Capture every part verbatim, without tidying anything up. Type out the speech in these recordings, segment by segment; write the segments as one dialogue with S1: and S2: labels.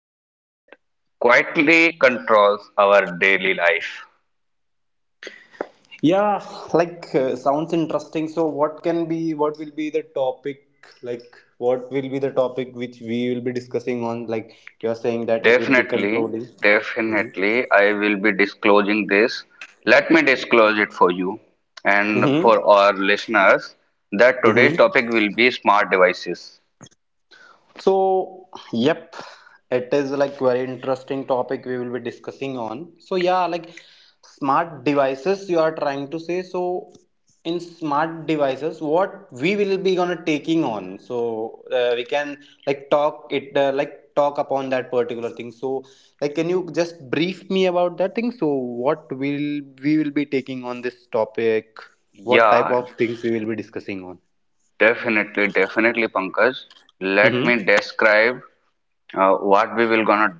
S1: That quietly controls our daily life.
S2: Yeah, like uh, sounds interesting. So what can be, what will be the topic? Like what will be the topic which we will be discussing on? Like you are saying that it will be
S1: Definitely,
S2: controlling. Mm-hmm.
S1: definitely, I will be disclosing this. Let me disclose it for you and
S2: Mm-hmm.
S1: for our listeners that today's
S2: Mm-hmm.
S1: topic will be smart devices.
S2: So, yep, it is like very interesting topic we will be discussing on. So yeah, like smart devices you are trying to say. So in smart devices, what we will be gonna taking on. So uh, we can like talk it uh, like talk upon that particular thing. So like can you just brief me about that thing? So what will we will be taking on this topic? What type
S1: Yeah,
S2: of things we will be discussing on?
S1: definitely, definitely, Pankaj. Let
S2: Mm-hmm.
S1: me describe uh, what we will gonna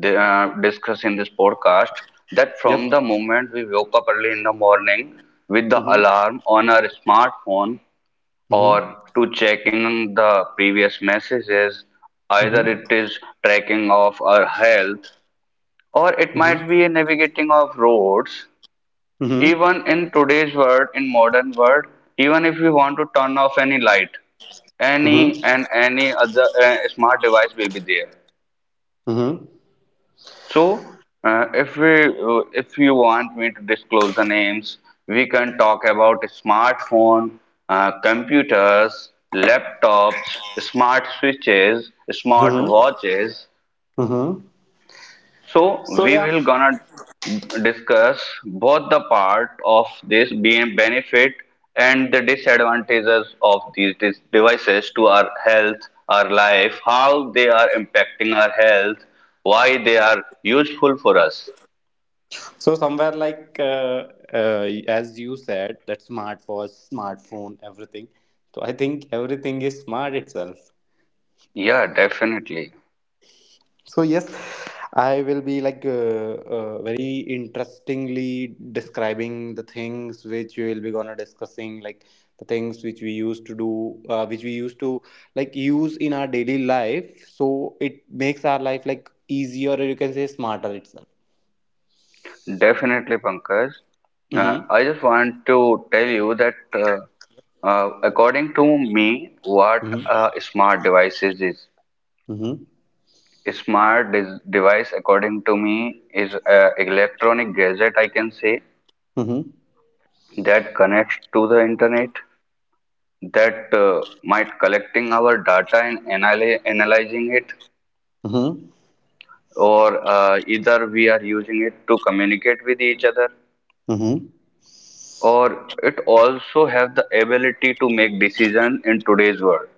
S1: d- uh, discuss in this podcast. That from
S2: Yep.
S1: the moment we woke up early in the morning with the
S2: Mm-hmm.
S1: alarm on our smartphone, or
S2: Mm-hmm.
S1: to checking the previous messages. Either
S2: Mm-hmm.
S1: it is tracking of our health or it
S2: Mhm.
S1: might be a navigating of roads.
S2: Mhm.
S1: Even in today's world, in modern world, even if we want to turn off any light,
S2: Mhm.
S1: any and any other uh, smart device will be there.
S2: Mhm.
S1: So, uh, if we uh, if you want me to disclose the names, we can talk about smartphone, uh, computers, laptops, smart switches, smart
S2: Mhm.
S1: watches.
S2: Mhm.
S1: So
S2: So
S1: we
S2: yeah,
S1: will gonna discuss both the part of this being benefit and the disadvantages of these dis- devices to our health, our life, how they are impacting our health, why they are useful for us.
S2: so somewhere like uh, uh, as you said, that smartwatch, smartphone, everything. So I think everything is smart itself.
S1: Yeah, definitely.
S2: So yes, I will be like uh, uh, very interestingly describing the things which we will be gonna discussing, like the things which we used to do, uh, which we used to like use in our daily life. So it makes our life like easier, or you can say smarter itself.
S1: Definitely, Pankaj. Uh,
S2: Mm-hmm.
S1: I just want to tell you that uh, uh, according to me, what
S2: Mm-hmm.
S1: a smart devices is.
S2: Mm-hmm.
S1: A smart dis- device, according to me, is an electronic gadget, I can say,
S2: Mm-hmm.
S1: that connects to the internet, that uh, might collecting our data and analy analyzing it, or uh, either we are using it to communicate with each other,
S2: Mm-hmm. Mm-hmm.
S1: or it also have the ability to make decision. In today's world,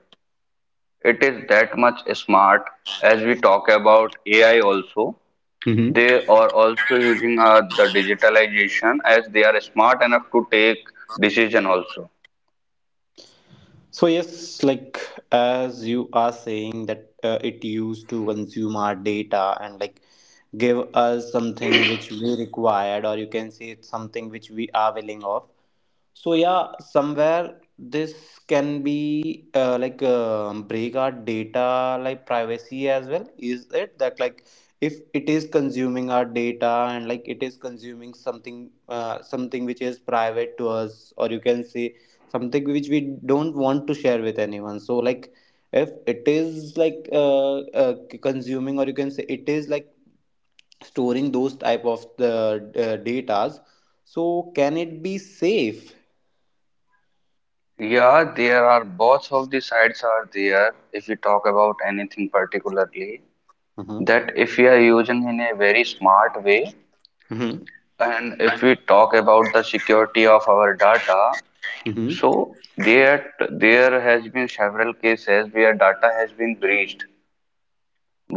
S1: it is that much smart, as we talk about A I also.
S2: Mm-hmm.
S1: They are also using uh, the digitalization as they are smart enough to take decision also.
S2: So yes, like as you are saying that uh, it used to consume our data and like give us something which we required, or you can say it's something which we are willing of. So yeah, somewhere this can be, uh, like um break our data, like privacy as well. Is it that like if it is consuming our data and like it is consuming something, uh, something which is private to us, or you can say something which we don't want to share with anyone? So like if it is like uh, uh, consuming, or you can say it is like storing those type of the uh, datas, so can it be safe?
S1: Yeah, there are both of the sides are there if we talk about anything particularly,
S2: Mm-hmm.
S1: that if we are using in a very smart way
S2: Mm-hmm.
S1: and if we talk about the security of our data.
S2: Mm-hmm.
S1: So there, there has been several cases where data has been breached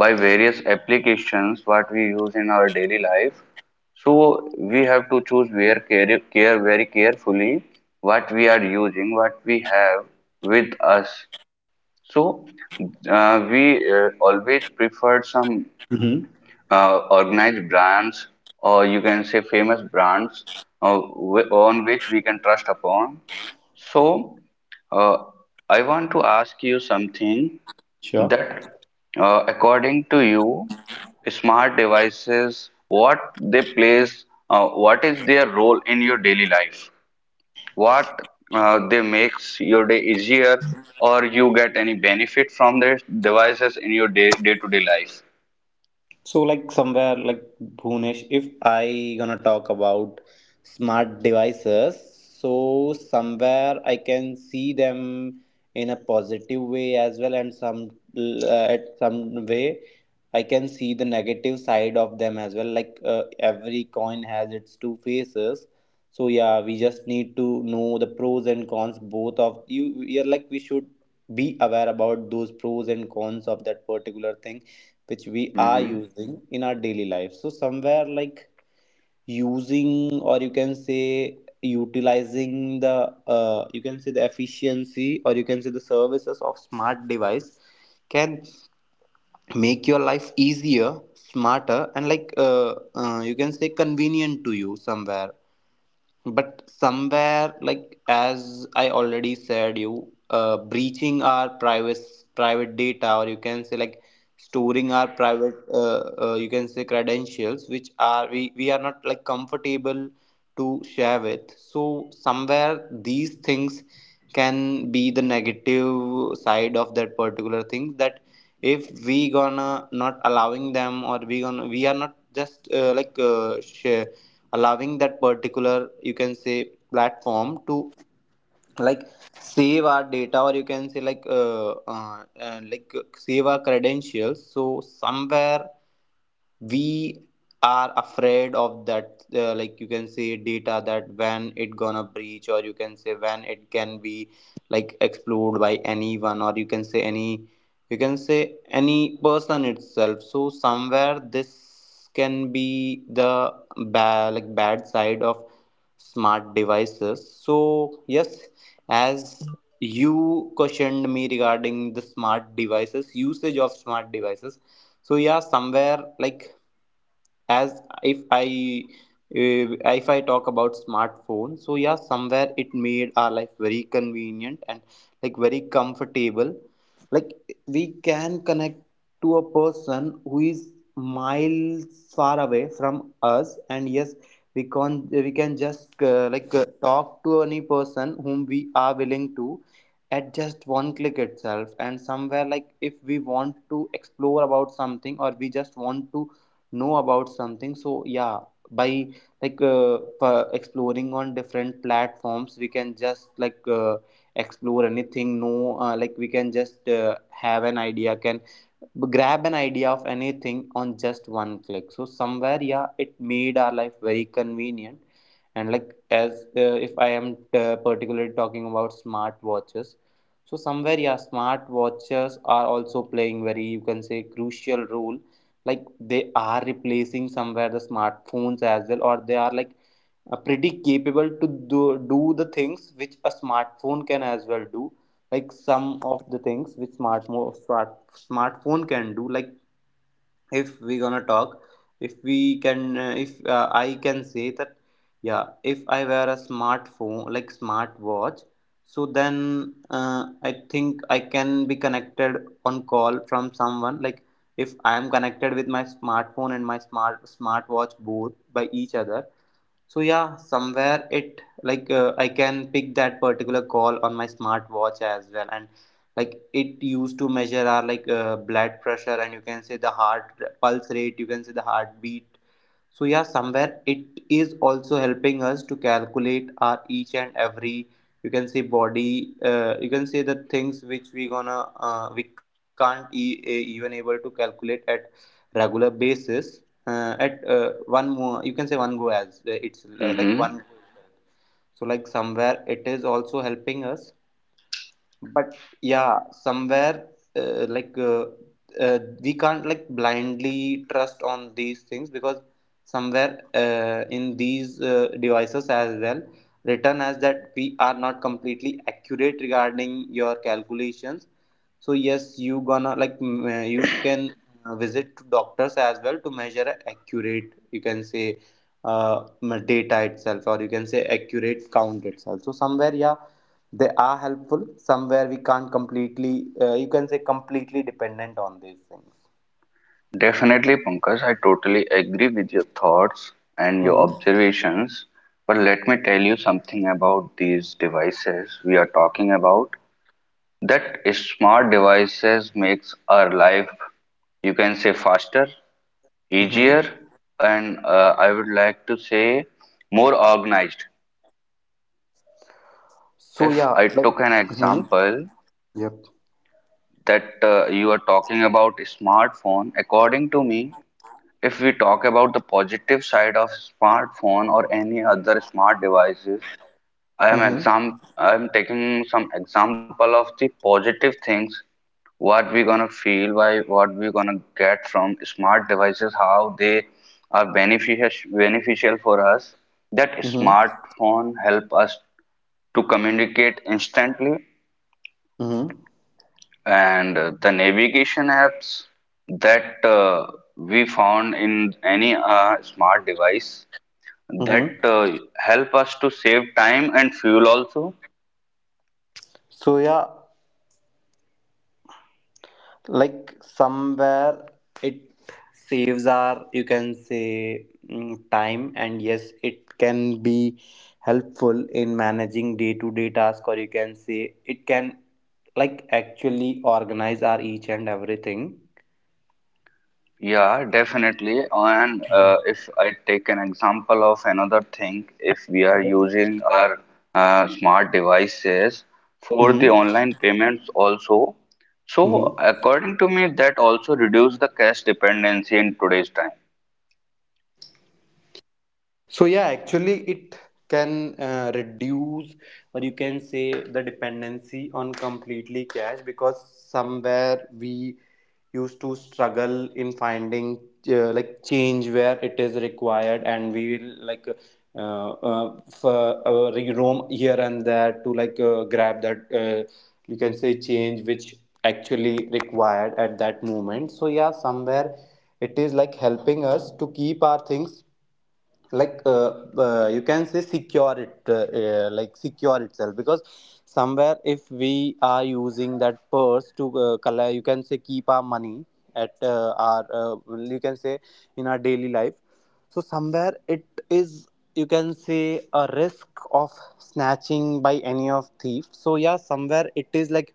S1: by various applications what we use in our daily life. So we have to choose where care, care very carefully what we are using, what we have with us. So uh, we uh, always prefer some
S2: Mm-hmm.
S1: uh, organized brands or you can say famous brands uh, wh- on which we can trust upon. So, uh, I want to ask you something
S2: Sure.
S1: that, uh, according to you, smart devices, what they plays, uh, what is their role in your daily life? What uh, they makes your day easier, or you get any benefit from their devices in your day day-to-day life?
S2: So like somewhere like Bhunesh, if I gonna talk about smart devices, so somewhere I can see them in a positive way as well, and some uh, at some way I can see the negative side of them as well. Like uh, every coin has its two faces. So yeah, we just need to know the pros and cons both of you. You're like we should be aware about those pros and cons of that particular thing which we are
S1: Mm-hmm.
S2: using in our daily life. So somewhere like using, or you can say utilizing the, uh, you can say the efficiency, or you can say the services of smart device, can make your life easier, smarter, and like uh, uh, you can say convenient to you somewhere. But somewhere like as I already said, you uh, breaching our private private data, or you can say like storing our private, uh, uh, you can say credentials which are, we we are not like comfortable to share with. So, somewhere these things can be the negative side of that particular thing, that if we gonna not allowing them, or we gonna we are not just uh, like uh, share, allowing that particular, you can say, platform to like save our data, or you can say like uh, uh, uh, like uh, save our credentials. So somewhere we are afraid of that, uh, like you can say data, that when it gonna breach, or you can say when it can be like explored by anyone, or you can say any, you can say any person itself. So somewhere this can be the ba- like bad side of smart devices. So yes, as you questioned me regarding the smart devices, usage of smart devices, so yeah, somewhere like as if I uh, if I talk about smartphone, so yeah, somewhere it made our life very convenient and like very comfortable. Like we can connect to a person who is miles far away from us, and yes, we can we can just uh, like uh, talk to any person whom we are willing to at just one click itself. And somewhere like if we want to explore about something, or we just want to know about something, so yeah, by like uh, p- exploring on different platforms, we can just like uh, explore anything, no uh, like we can just uh, have an idea, can grab an idea of anything on just one click. So somewhere yeah, it made our life very convenient. And like as uh, if I am uh, particularly talking about smart watches, so somewhere yeah, smart watches are also playing very, you can say, crucial role. Like they are replacing somewhere the smartphones as well, or they are like uh, pretty capable to do, do the things which a smartphone can as well do. Like some of the things which smart mo- smart smartphone can do, like if we gonna talk, if we can uh, if uh, I can say that yeah, if I wear a smartphone like smart watch, so then uh, I think I can be connected on call from someone. Like if I am connected with my smartphone and my smart smartwatch both by each other, so yeah, somewhere it like uh, I can pick that particular call on my smartwatch as well. And like it used to measure our like uh, blood pressure, and you can say the heart pulse rate, you can say the heartbeat. So yeah, somewhere it is also helping us to calculate our each and every, you can say, body, uh, you can say the things which we gonna, uh, we can't e- e- even able to calculate at regular basis, uh, at uh, one more, you can say one go, as uh, it's uh, like
S1: Mm-hmm.
S2: one. So like somewhere it is also helping us, but yeah somewhere uh, like uh, uh, we can't like blindly trust on these things, because somewhere uh, in these uh, devices as well written as that we are not completely accurate regarding your calculations. So yes, you gonna like m- uh, you can uh, visit to doctors as well to measure a accurate, you can say, uh, m- data itself, or you can say accurate count itself. So somewhere yeah, they are helpful, somewhere we can't completely uh, you can say completely dependent on these things.
S1: Definitely, Pankaj, I totally agree with your thoughts and your
S2: Mm-hmm.
S1: observations. But let me tell you something about these devices we are talking about. That smart devices makes our life, you can say, faster,
S2: Mm-hmm.
S1: easier, and uh, I would like to say more organized.
S2: So
S1: If
S2: yeah,
S1: I
S2: like
S1: took an
S2: mm-hmm,
S1: example
S2: yep,
S1: that uh, you are talking about smartphone, according to me. If we talk about the positive side of smartphone or any other smart devices, I am
S2: mm-hmm.
S1: exam I am taking some example of the positive things what we gonna feel by what we gonna get from smart devices, how they are beneficial beneficial for us. That
S2: Mm-hmm.
S1: smartphone help us to communicate instantly,
S2: Mm-hmm.
S1: and uh, the navigation apps that uh, we found in any uh, smart device that
S2: Mm-hmm.
S1: uh, help us to save time and fuel also.
S2: So yeah, like somewhere it saves our, you can say, mm, time. And yes, it can be helpful in managing day to day task, or you can say it can like actually organize our each and everything.
S1: Yeah, definitely. And uh, if I take an example of another thing, if we are using our uh, smart devices for the online payments also,
S2: Mhm.
S1: so according to me, that also reduce the cash dependency in today's time.
S2: So yeah, actually it can uh, reduce, or you can say the dependency on completely cash, because somewhere we used to struggle in finding uh, like change where it is required, and we will like uh, uh, for, uh, re- roam here and there to like uh, grab that uh, you can say change which actually required at that moment. So yeah, somewhere it is like helping us to keep our things like uh, uh, you can say secure it, uh, uh, like secure itself, because somewhere if we are using that purse to uh, collect, you can say keep our money at uh, our, uh, you can say, in our daily life, so somewhere it is, you can say, a risk of snatching by any of thief. So yeah, somewhere it is like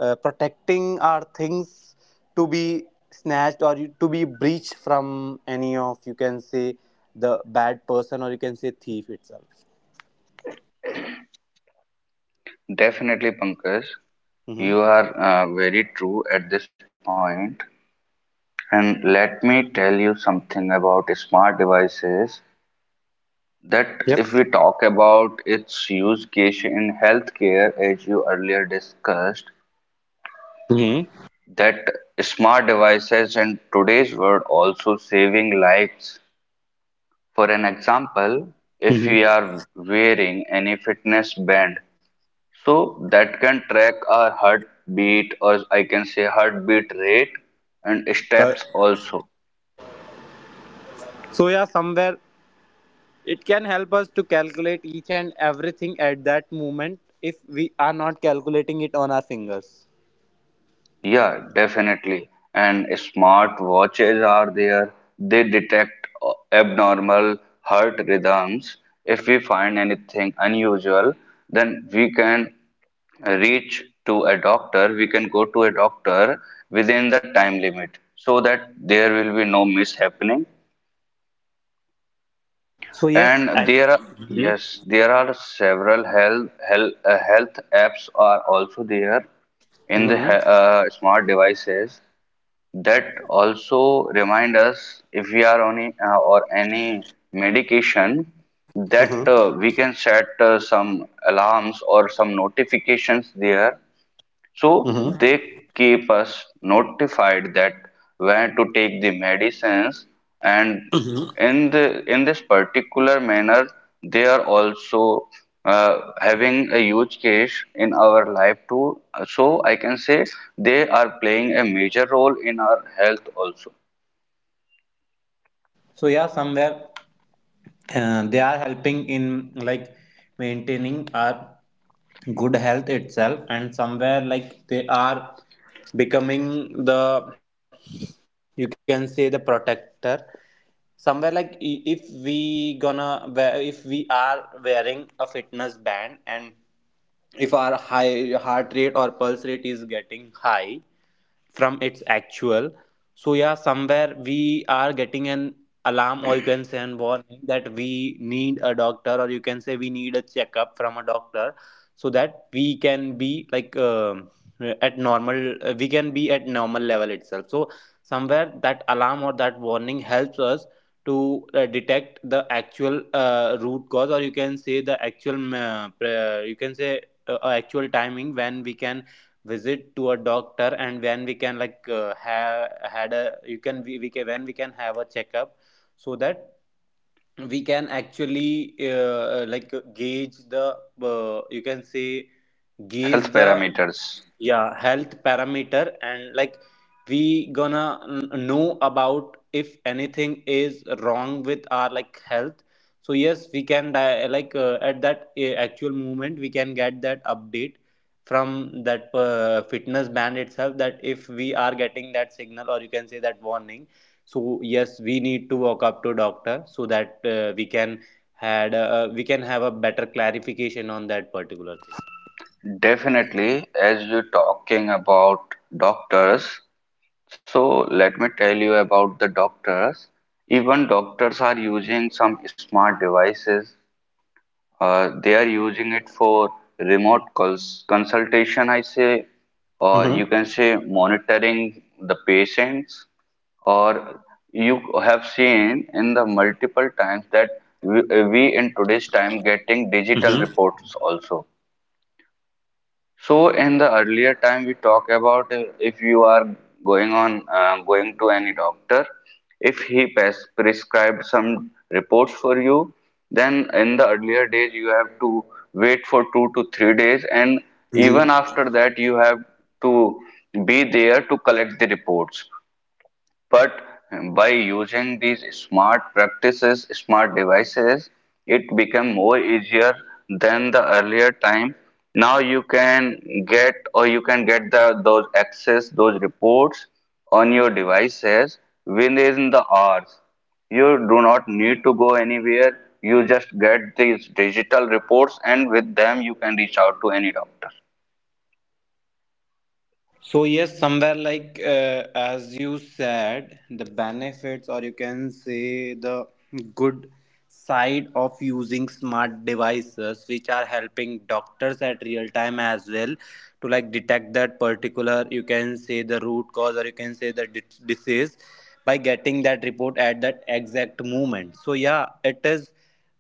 S2: uh, protecting our things to be snatched, or you- to be breached from any of, you can say, the bad person, or you can say thief itself.
S1: Definitely, Pankaj,
S2: Mm-hmm.
S1: you are uh, very true at this point. And let me tell you something about smart devices, that
S2: Yep.
S1: if we talk about its use case in healthcare, as you earlier discussed,
S2: Mm-hmm.
S1: that smart devices in today's world also saving lives. For an example, if
S2: Mm-hmm.
S1: we are wearing any fitness band, so that can track our heartbeat, or I can say heartbeat rate and
S2: Uh,
S1: steps also.
S2: so yeah, somewhere it can help us to calculate each and everything at that moment if we are not calculating it on our fingers.
S1: Yeah, definitely. And smart watches are there. They detect uh, abnormal heart rhythms. If we find anything unusual, then we can reach to a doctor. We can go to a doctor within the time limit so that there will be no mishappening.
S2: So yes,
S1: And
S2: I-
S1: there are,
S2: mm-hmm.
S1: yes, there are several health, health, uh, health apps are also there in the he-
S2: Mm-hmm.
S1: uh, smart devices that also remind us if we are on a, uh, or any medication, that uh, we can set uh, some alarms or some notifications there so they
S2: Mm-hmm.
S1: keep us notified that when to take the medicines, and in the in this particular manner, they are also uh, having a huge case in our life too. So I can say they are playing a major role in our health also.
S2: So yeah, somewhere uh, they are helping in like maintaining our good health itself, and somewhere like they are becoming the, you can say, the protector. Somewhere like i- if we gonna wear if we are wearing a fitness band, and if our high heart rate or pulse rate is getting high from its actual. So yeah, somewhere we are getting an alarm, or you can say an warning that we need a doctor, or you can say we need a checkup from a doctor, so that we can be like, um at normal, uh, we can be at normal level itself. So somewhere that alarm or that warning helps us to uh, detect the actual uh, root cause, or you can say the actual um, uh, pre- you can say uh, uh, actual timing when we can visit to a doctor, and when we can like uh, have had a you can we, we can when we can have a checkup, so that we can actually uh, uh, like uh, gauge the uh, you can say gauge
S1: Health
S2: the,
S1: parameters.
S2: yeah, health parameter. And like we gonna n- know about if anything is wrong with our like health. So yes, we can di- like uh, at that uh, actual moment we can get that update from that uh, fitness band itself, that if we are getting that signal or you can say that warning. So yes, we need to walk up to doctor so that uh, we can had uh, we can have a better clarification on that particular thing.
S1: Definitely, as you're talking about doctors, so let me tell you about the doctors. Even doctors are using some smart devices. Uh, they are using it for remote cons- consultation, I say, or you can say monitoring the patients. Or you have seen in the multiple times that we, we in today's time getting digital
S2: Mm-hmm.
S1: reports also. So in the earlier time we talk about uh, if you are going on uh, going to any doctor, if he pres prescribed some reports for you, then in the earlier days you have to wait for two to three days, and even
S2: Mm-hmm.
S1: after that you have to be there to collect the reports. But by using these smart practices, smart devices, it become more easier than the earlier time. Now you can get or you can get the those access those reports on your devices within the hours. You do not need to go anywhere. You just get these digital reports, and with them you can reach out to any doctor.
S2: So yes, somewhere like uh, as you said, the benefits, or you can say the good side of using smart devices, which are helping doctors at real time as well to like detect that particular, you can say, the root cause, or you can say the di- disease, by getting that report at that exact moment. So yeah, it is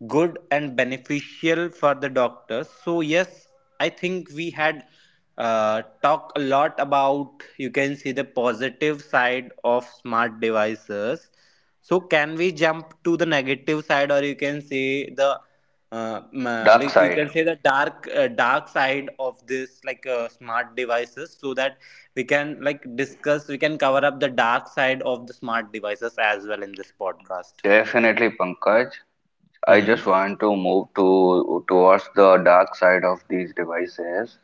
S2: good and beneficial for the doctors. So yes, I think we had uh, talked a lot about, you can see, the positive side of smart devices. So can we jump to the negative side, or you can say the uh, m- uh,
S1: Dark
S2: like you
S1: side,
S2: can say the dark uh, dark side of this like uh, smart devices, so that we can like discuss, we can cover up the dark side of the smart devices as well in this podcast.
S1: definitely, Pankaj. I just
S2: Mm-hmm.
S1: want to move to towards the dark side of these devices.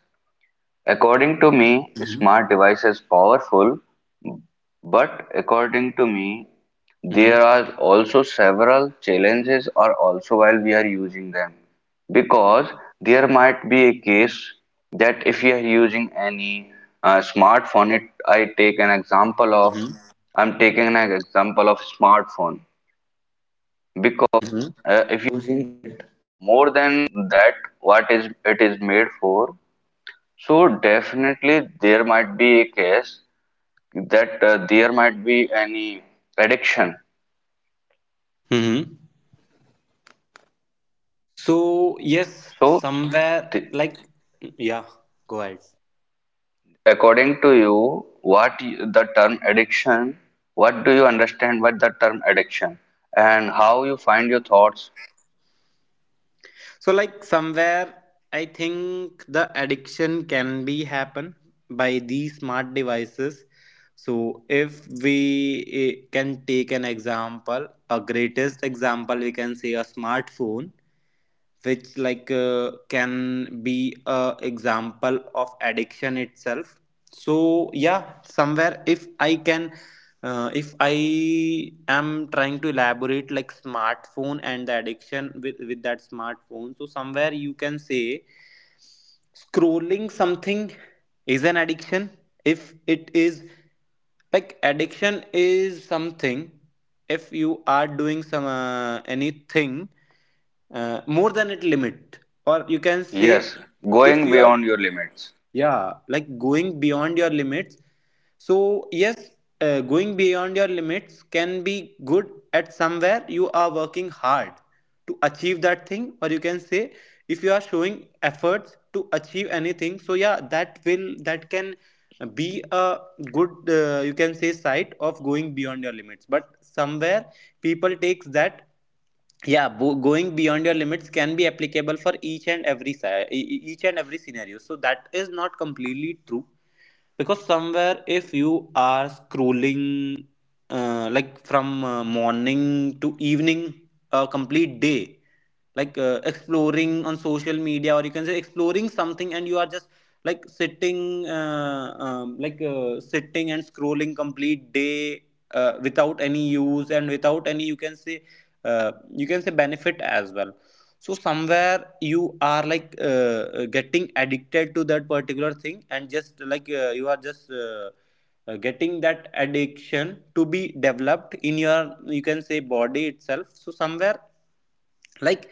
S1: According to me, smart devices powerful, but according to me, there
S2: Mm-hmm.
S1: are also several challenges or also while we are using them, because there might be a case that if you are using any uh, smartphone. it i take an example of
S2: Mm-hmm.
S1: i'm taking an example of smartphone.
S2: Mm-hmm. Mm-hmm. So yes, somewhere like, yeah, go ahead.
S1: What the term addiction, what do you understand by the term addiction and how you find your thoughts?
S2: So, like, somewhere I think the addiction can be happen by these smart devices. So if we, eh, can take an example, a greatest example, we can say a smartphone, which like uh, can be a example of addiction itself. So yeah, somewhere if I can uh, if I am trying to elaborate like smartphone and the addiction with with that smartphone, so somewhere you can say scrolling something is an addiction. If it is, like, addiction is something, if you are doing some uh, anything uh, more than it limit, or you can say
S1: Yes,
S2: if
S1: going
S2: you are,
S1: beyond your limits.
S2: yeah, like going beyond your limits. So yes, uh, going beyond your limits can be good at somewhere you are working hard to achieve that thing, or you can say if you are showing efforts to achieve anything. So yeah, that will that can be a good uh, you can say side of going beyond your limits. But somewhere people takes that, yeah, bo- going beyond your limits can be applicable for each and every si- e- e- each and every scenario, so that is not completely true. Because somewhere if you are scrolling uh, like from uh, morning to evening, a complete day, like uh, exploring on social media, or you can say exploring something, and you are just like sitting uh, um, like uh, sitting and scrolling complete day uh, without any use and without any, you can say, uh, you can say benefit as well. So somewhere you are like uh, uh, getting addicted to that particular thing, and just like uh, you are just uh, uh, getting that addiction to be developed in your, you can say, body itself. So somewhere, like,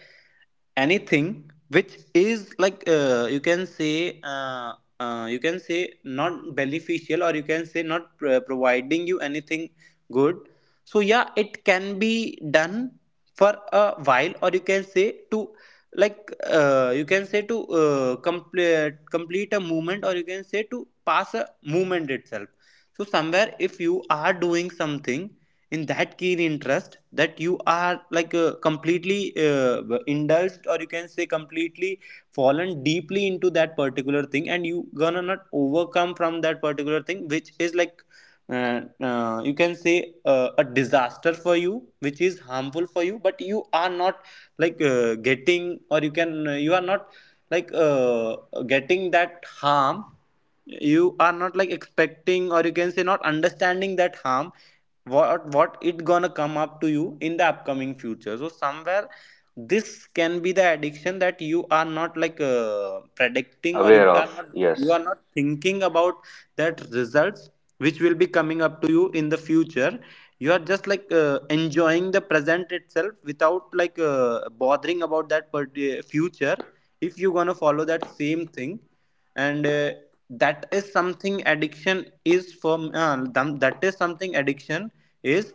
S2: anything which is like uh, you can say uh, uh, you can say not beneficial, or you can say not pro- providing you anything good. So yeah, it can be done for a while, or you can say to like uh, you can say to uh, complete complete a movement, or you can say to pass a movement itself. So somewhere if you are doing something in that keen interest, that you are like uh, completely uh, indulged, or you can say completely fallen deeply into that particular thing, and you gonna not overcome from that particular thing, which is like uh, uh, you can say uh, a disaster for you, which is harmful for you, but you are not like uh, getting, or you can uh, you are not like uh, getting that harm, you are not like expecting, or you can say not understanding that harm, what what it gonna come up to you in the upcoming future. So somewhere this can be the addiction, that you are not like uh, predicting, or you
S1: Aware
S2: are
S1: of,
S2: not, you
S1: yes.
S2: are not thinking about that results which will be coming up to you in the future. You are just like uh, enjoying the present itself without like uh, bothering about that particular future. If you're gonna follow that same thing, and uh, that is something addiction is for uh, them- that is something addiction is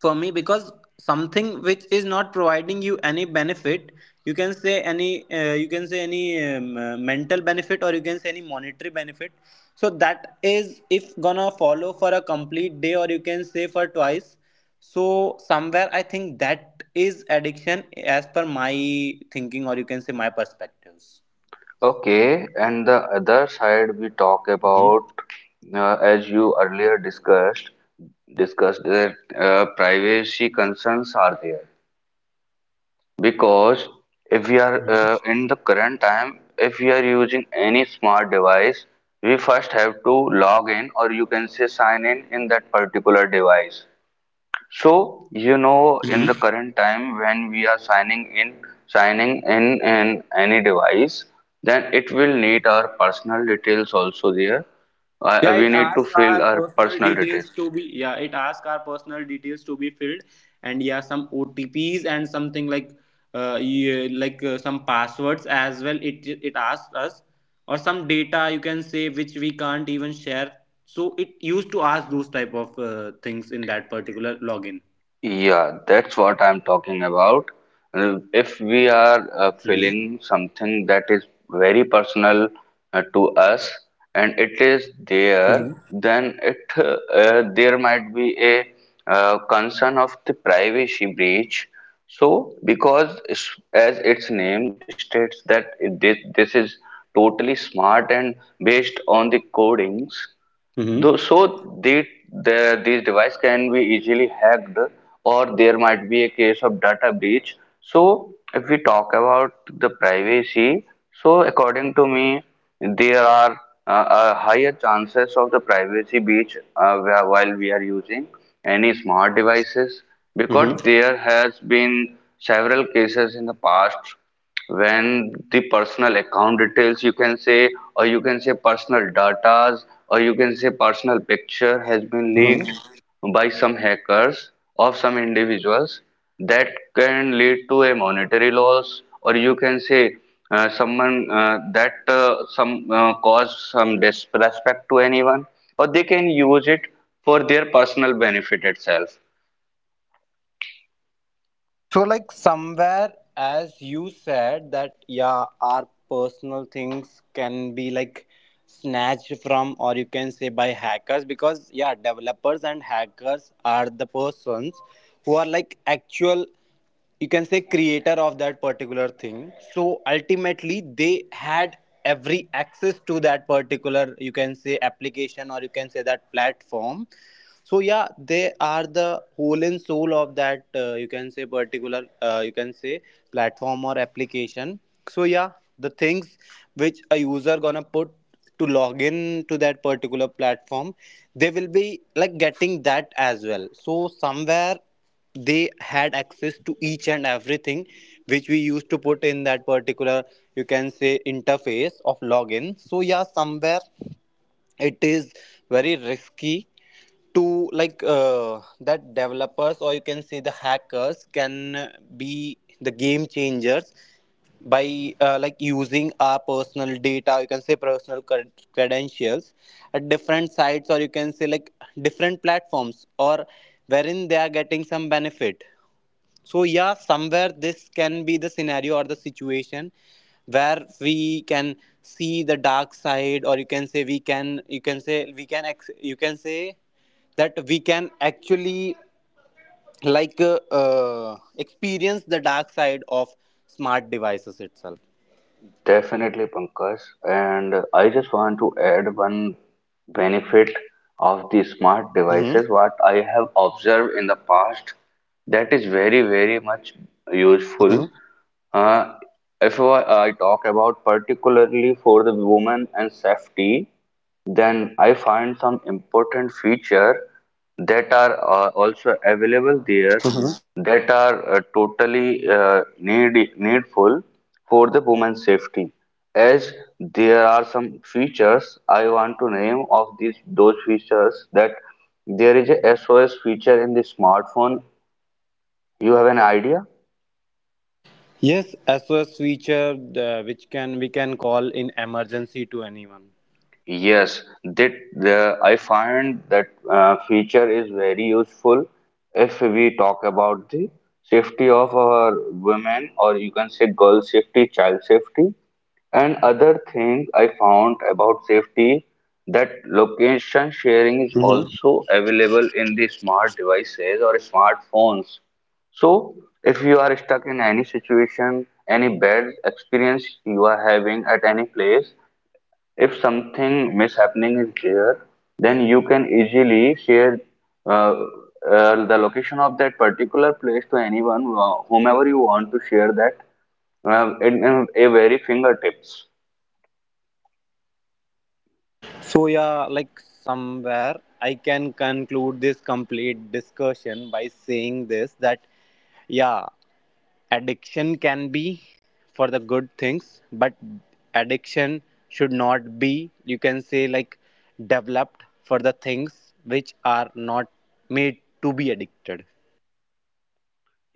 S2: for me. Because something which is not providing you any benefit, you can say any uh, you can say any um, uh, mental benefit, or you can say any monetary benefit. So that is if gonna follow for a complete day, or you can say for twice. So somewhere I think that is addiction, as per my thinking, or you can say my perspectives.
S1: Okay, and the other side we talk about, uh, as you earlier discussed, discussed that uh, privacy concerns are there. Because if we are uh, in the current time, if we are using any smart device, we first have to log in or you can say sign in in that particular device. So, you know, in
S2: Mhm.
S1: the current time when we are signing in, signing in, in any device, then it will need our personal details also there. Uh,
S2: Yeah,
S1: we
S2: it
S1: need to
S2: asks
S1: fill
S2: our
S1: our
S2: personal
S1: personal
S2: details
S1: details.
S2: to be yeah, it asks our personal details to be filled, and yeah, some O T Ps and something like uh yeah, like uh, some passwords as well. It it asks us, or some data you can say which we can't even share. So it used to ask those type of uh, things in that particular login.
S1: Yeah, that's what I'm talking about. Uh, If we are uh,
S2: Mm-hmm.
S1: feeling something that is very personal uh, to us and it is there, then it uh, uh, there might be a uh, concern of the privacy breach. So, because it's- as its name states that it- this, this is totally smart and based on the codings, though,
S2: Mm-hmm.
S1: so they, the, these device can be easily hacked or there might be a case of data breach. So if we talk about the privacy, so according to me, there are uh, uh, higher chances of the privacy breach uh, where- while we are using any smart devices, because
S2: Mm-hmm.
S1: there has been several cases in the past when the personal account details you can say, or you can say personal datas, or you can say personal picture has been leaked
S2: Mm-hmm.
S1: by some hackers of some individuals that can lead to a monetary loss, or you can say uh, someone uh, that uh, some uh, cause some disrespect to anyone or they can use it for their personal benefit itself.
S2: So like somewhere, as you said, that yeah, our personal things can be like snatched from, or you can say by hackers, because yeah, developers and hackers are the persons who are like actual, you can say, creator of that particular thing. So, ultimately, they had every access to that particular, you can say, application, or you can say that platform. So yeah, they are the whole and soul of that uh, you can say particular uh, you can say platform or application. So yeah, the things which a user gonna put to log in to that particular platform, they will be like getting that as well. So somewhere they had access to each and everything which we used to put in that particular, you can say, interface of login. So yeah, somewhere it is very risky to like uh, that developers, or you can say the hackers, can be the game changers by uh, like using our personal data, you can say personal cred- credentials at different sites, or you can say like different platforms, or wherein they are getting some benefit. So yeah, somewhere this can be the scenario or the situation where we can see the dark side, or you can say we can, you can say we can ex- you can say that we can actually like uh, uh, experience the dark side of smart devices itself.
S1: Definitely, Pankaj. And I just want to add one benefit of the smart
S2: Hmm.
S1: devices, what I have observed in the past, that is very, very much
S2: Hmm.
S1: useful. Uh, if I, I talk about particularly for the women and safety, then I find some important feature that are uh, also available there,
S2: Hmm.
S1: that are uh, totally uh, need needful for the woman's safety. As there are some features, I want to name of these those features that there is a S O S feature in the smartphone. You have an idea?
S2: Yes, S O S feature, uh, which can we can call in emergency to anyone.
S1: Yes, that the I find that uh, feature is very useful if we talk about the safety of our women, or you can say girl safety, child safety. And other thing I found about safety, that location sharing is
S2: Mhm.
S1: also available in the smart devices or smartphones. So, if you are stuck in any situation, any bad experience you are having at any place, if something mishappening is there, then you can easily share uh, uh, the location of that particular place to anyone, uh, whomever you want to share that uh, in, in a very fingertips.
S2: So yeah, like somewhere I can conclude this complete discussion by saying this, that yeah, addiction can be for the good things, but addiction should not be, you can say, like, developed for the things which are not made to be addicted.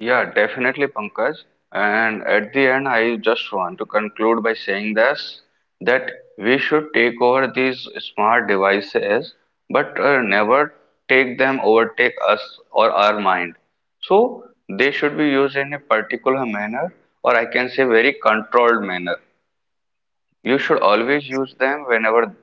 S1: Yeah, definitely, Pankaj. And at the end, I just want to conclude by saying this that we should take over these smart devices, but uh, never take them overtake us or our mind. So they should be used in a particular manner, or I can say very controlled manner. You should always use them whenever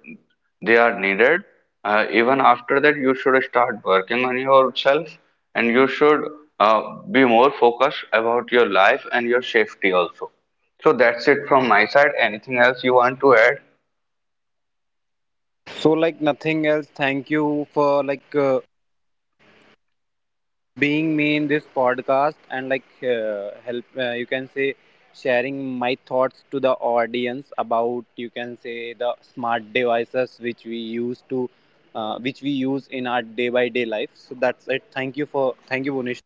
S1: they are needed. Uh, even after that, you should start working on yourself and you should uh, be more focused about your life and your safety also. So that's it from my side. Anything else you want to add?
S2: So like nothing else. Thank you for like uh, being me in this podcast, and like uh, help uh, you can say sharing my thoughts to the audience about, you can say, the smart devices which we use to uh, which we use in our day by day life. So that's it, thank you for, thank you Bunish.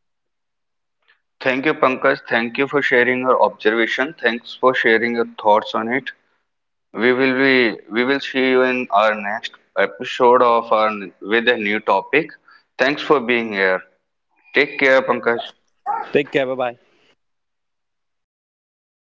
S1: Thank you, Pankaj. Thank you for sharing your observation. Thanks for sharing your thoughts on it. We will be we will see you in our next episode of our with a new topic. Thanks for being here. Take care, Pankaj.
S2: Take care, bye bye.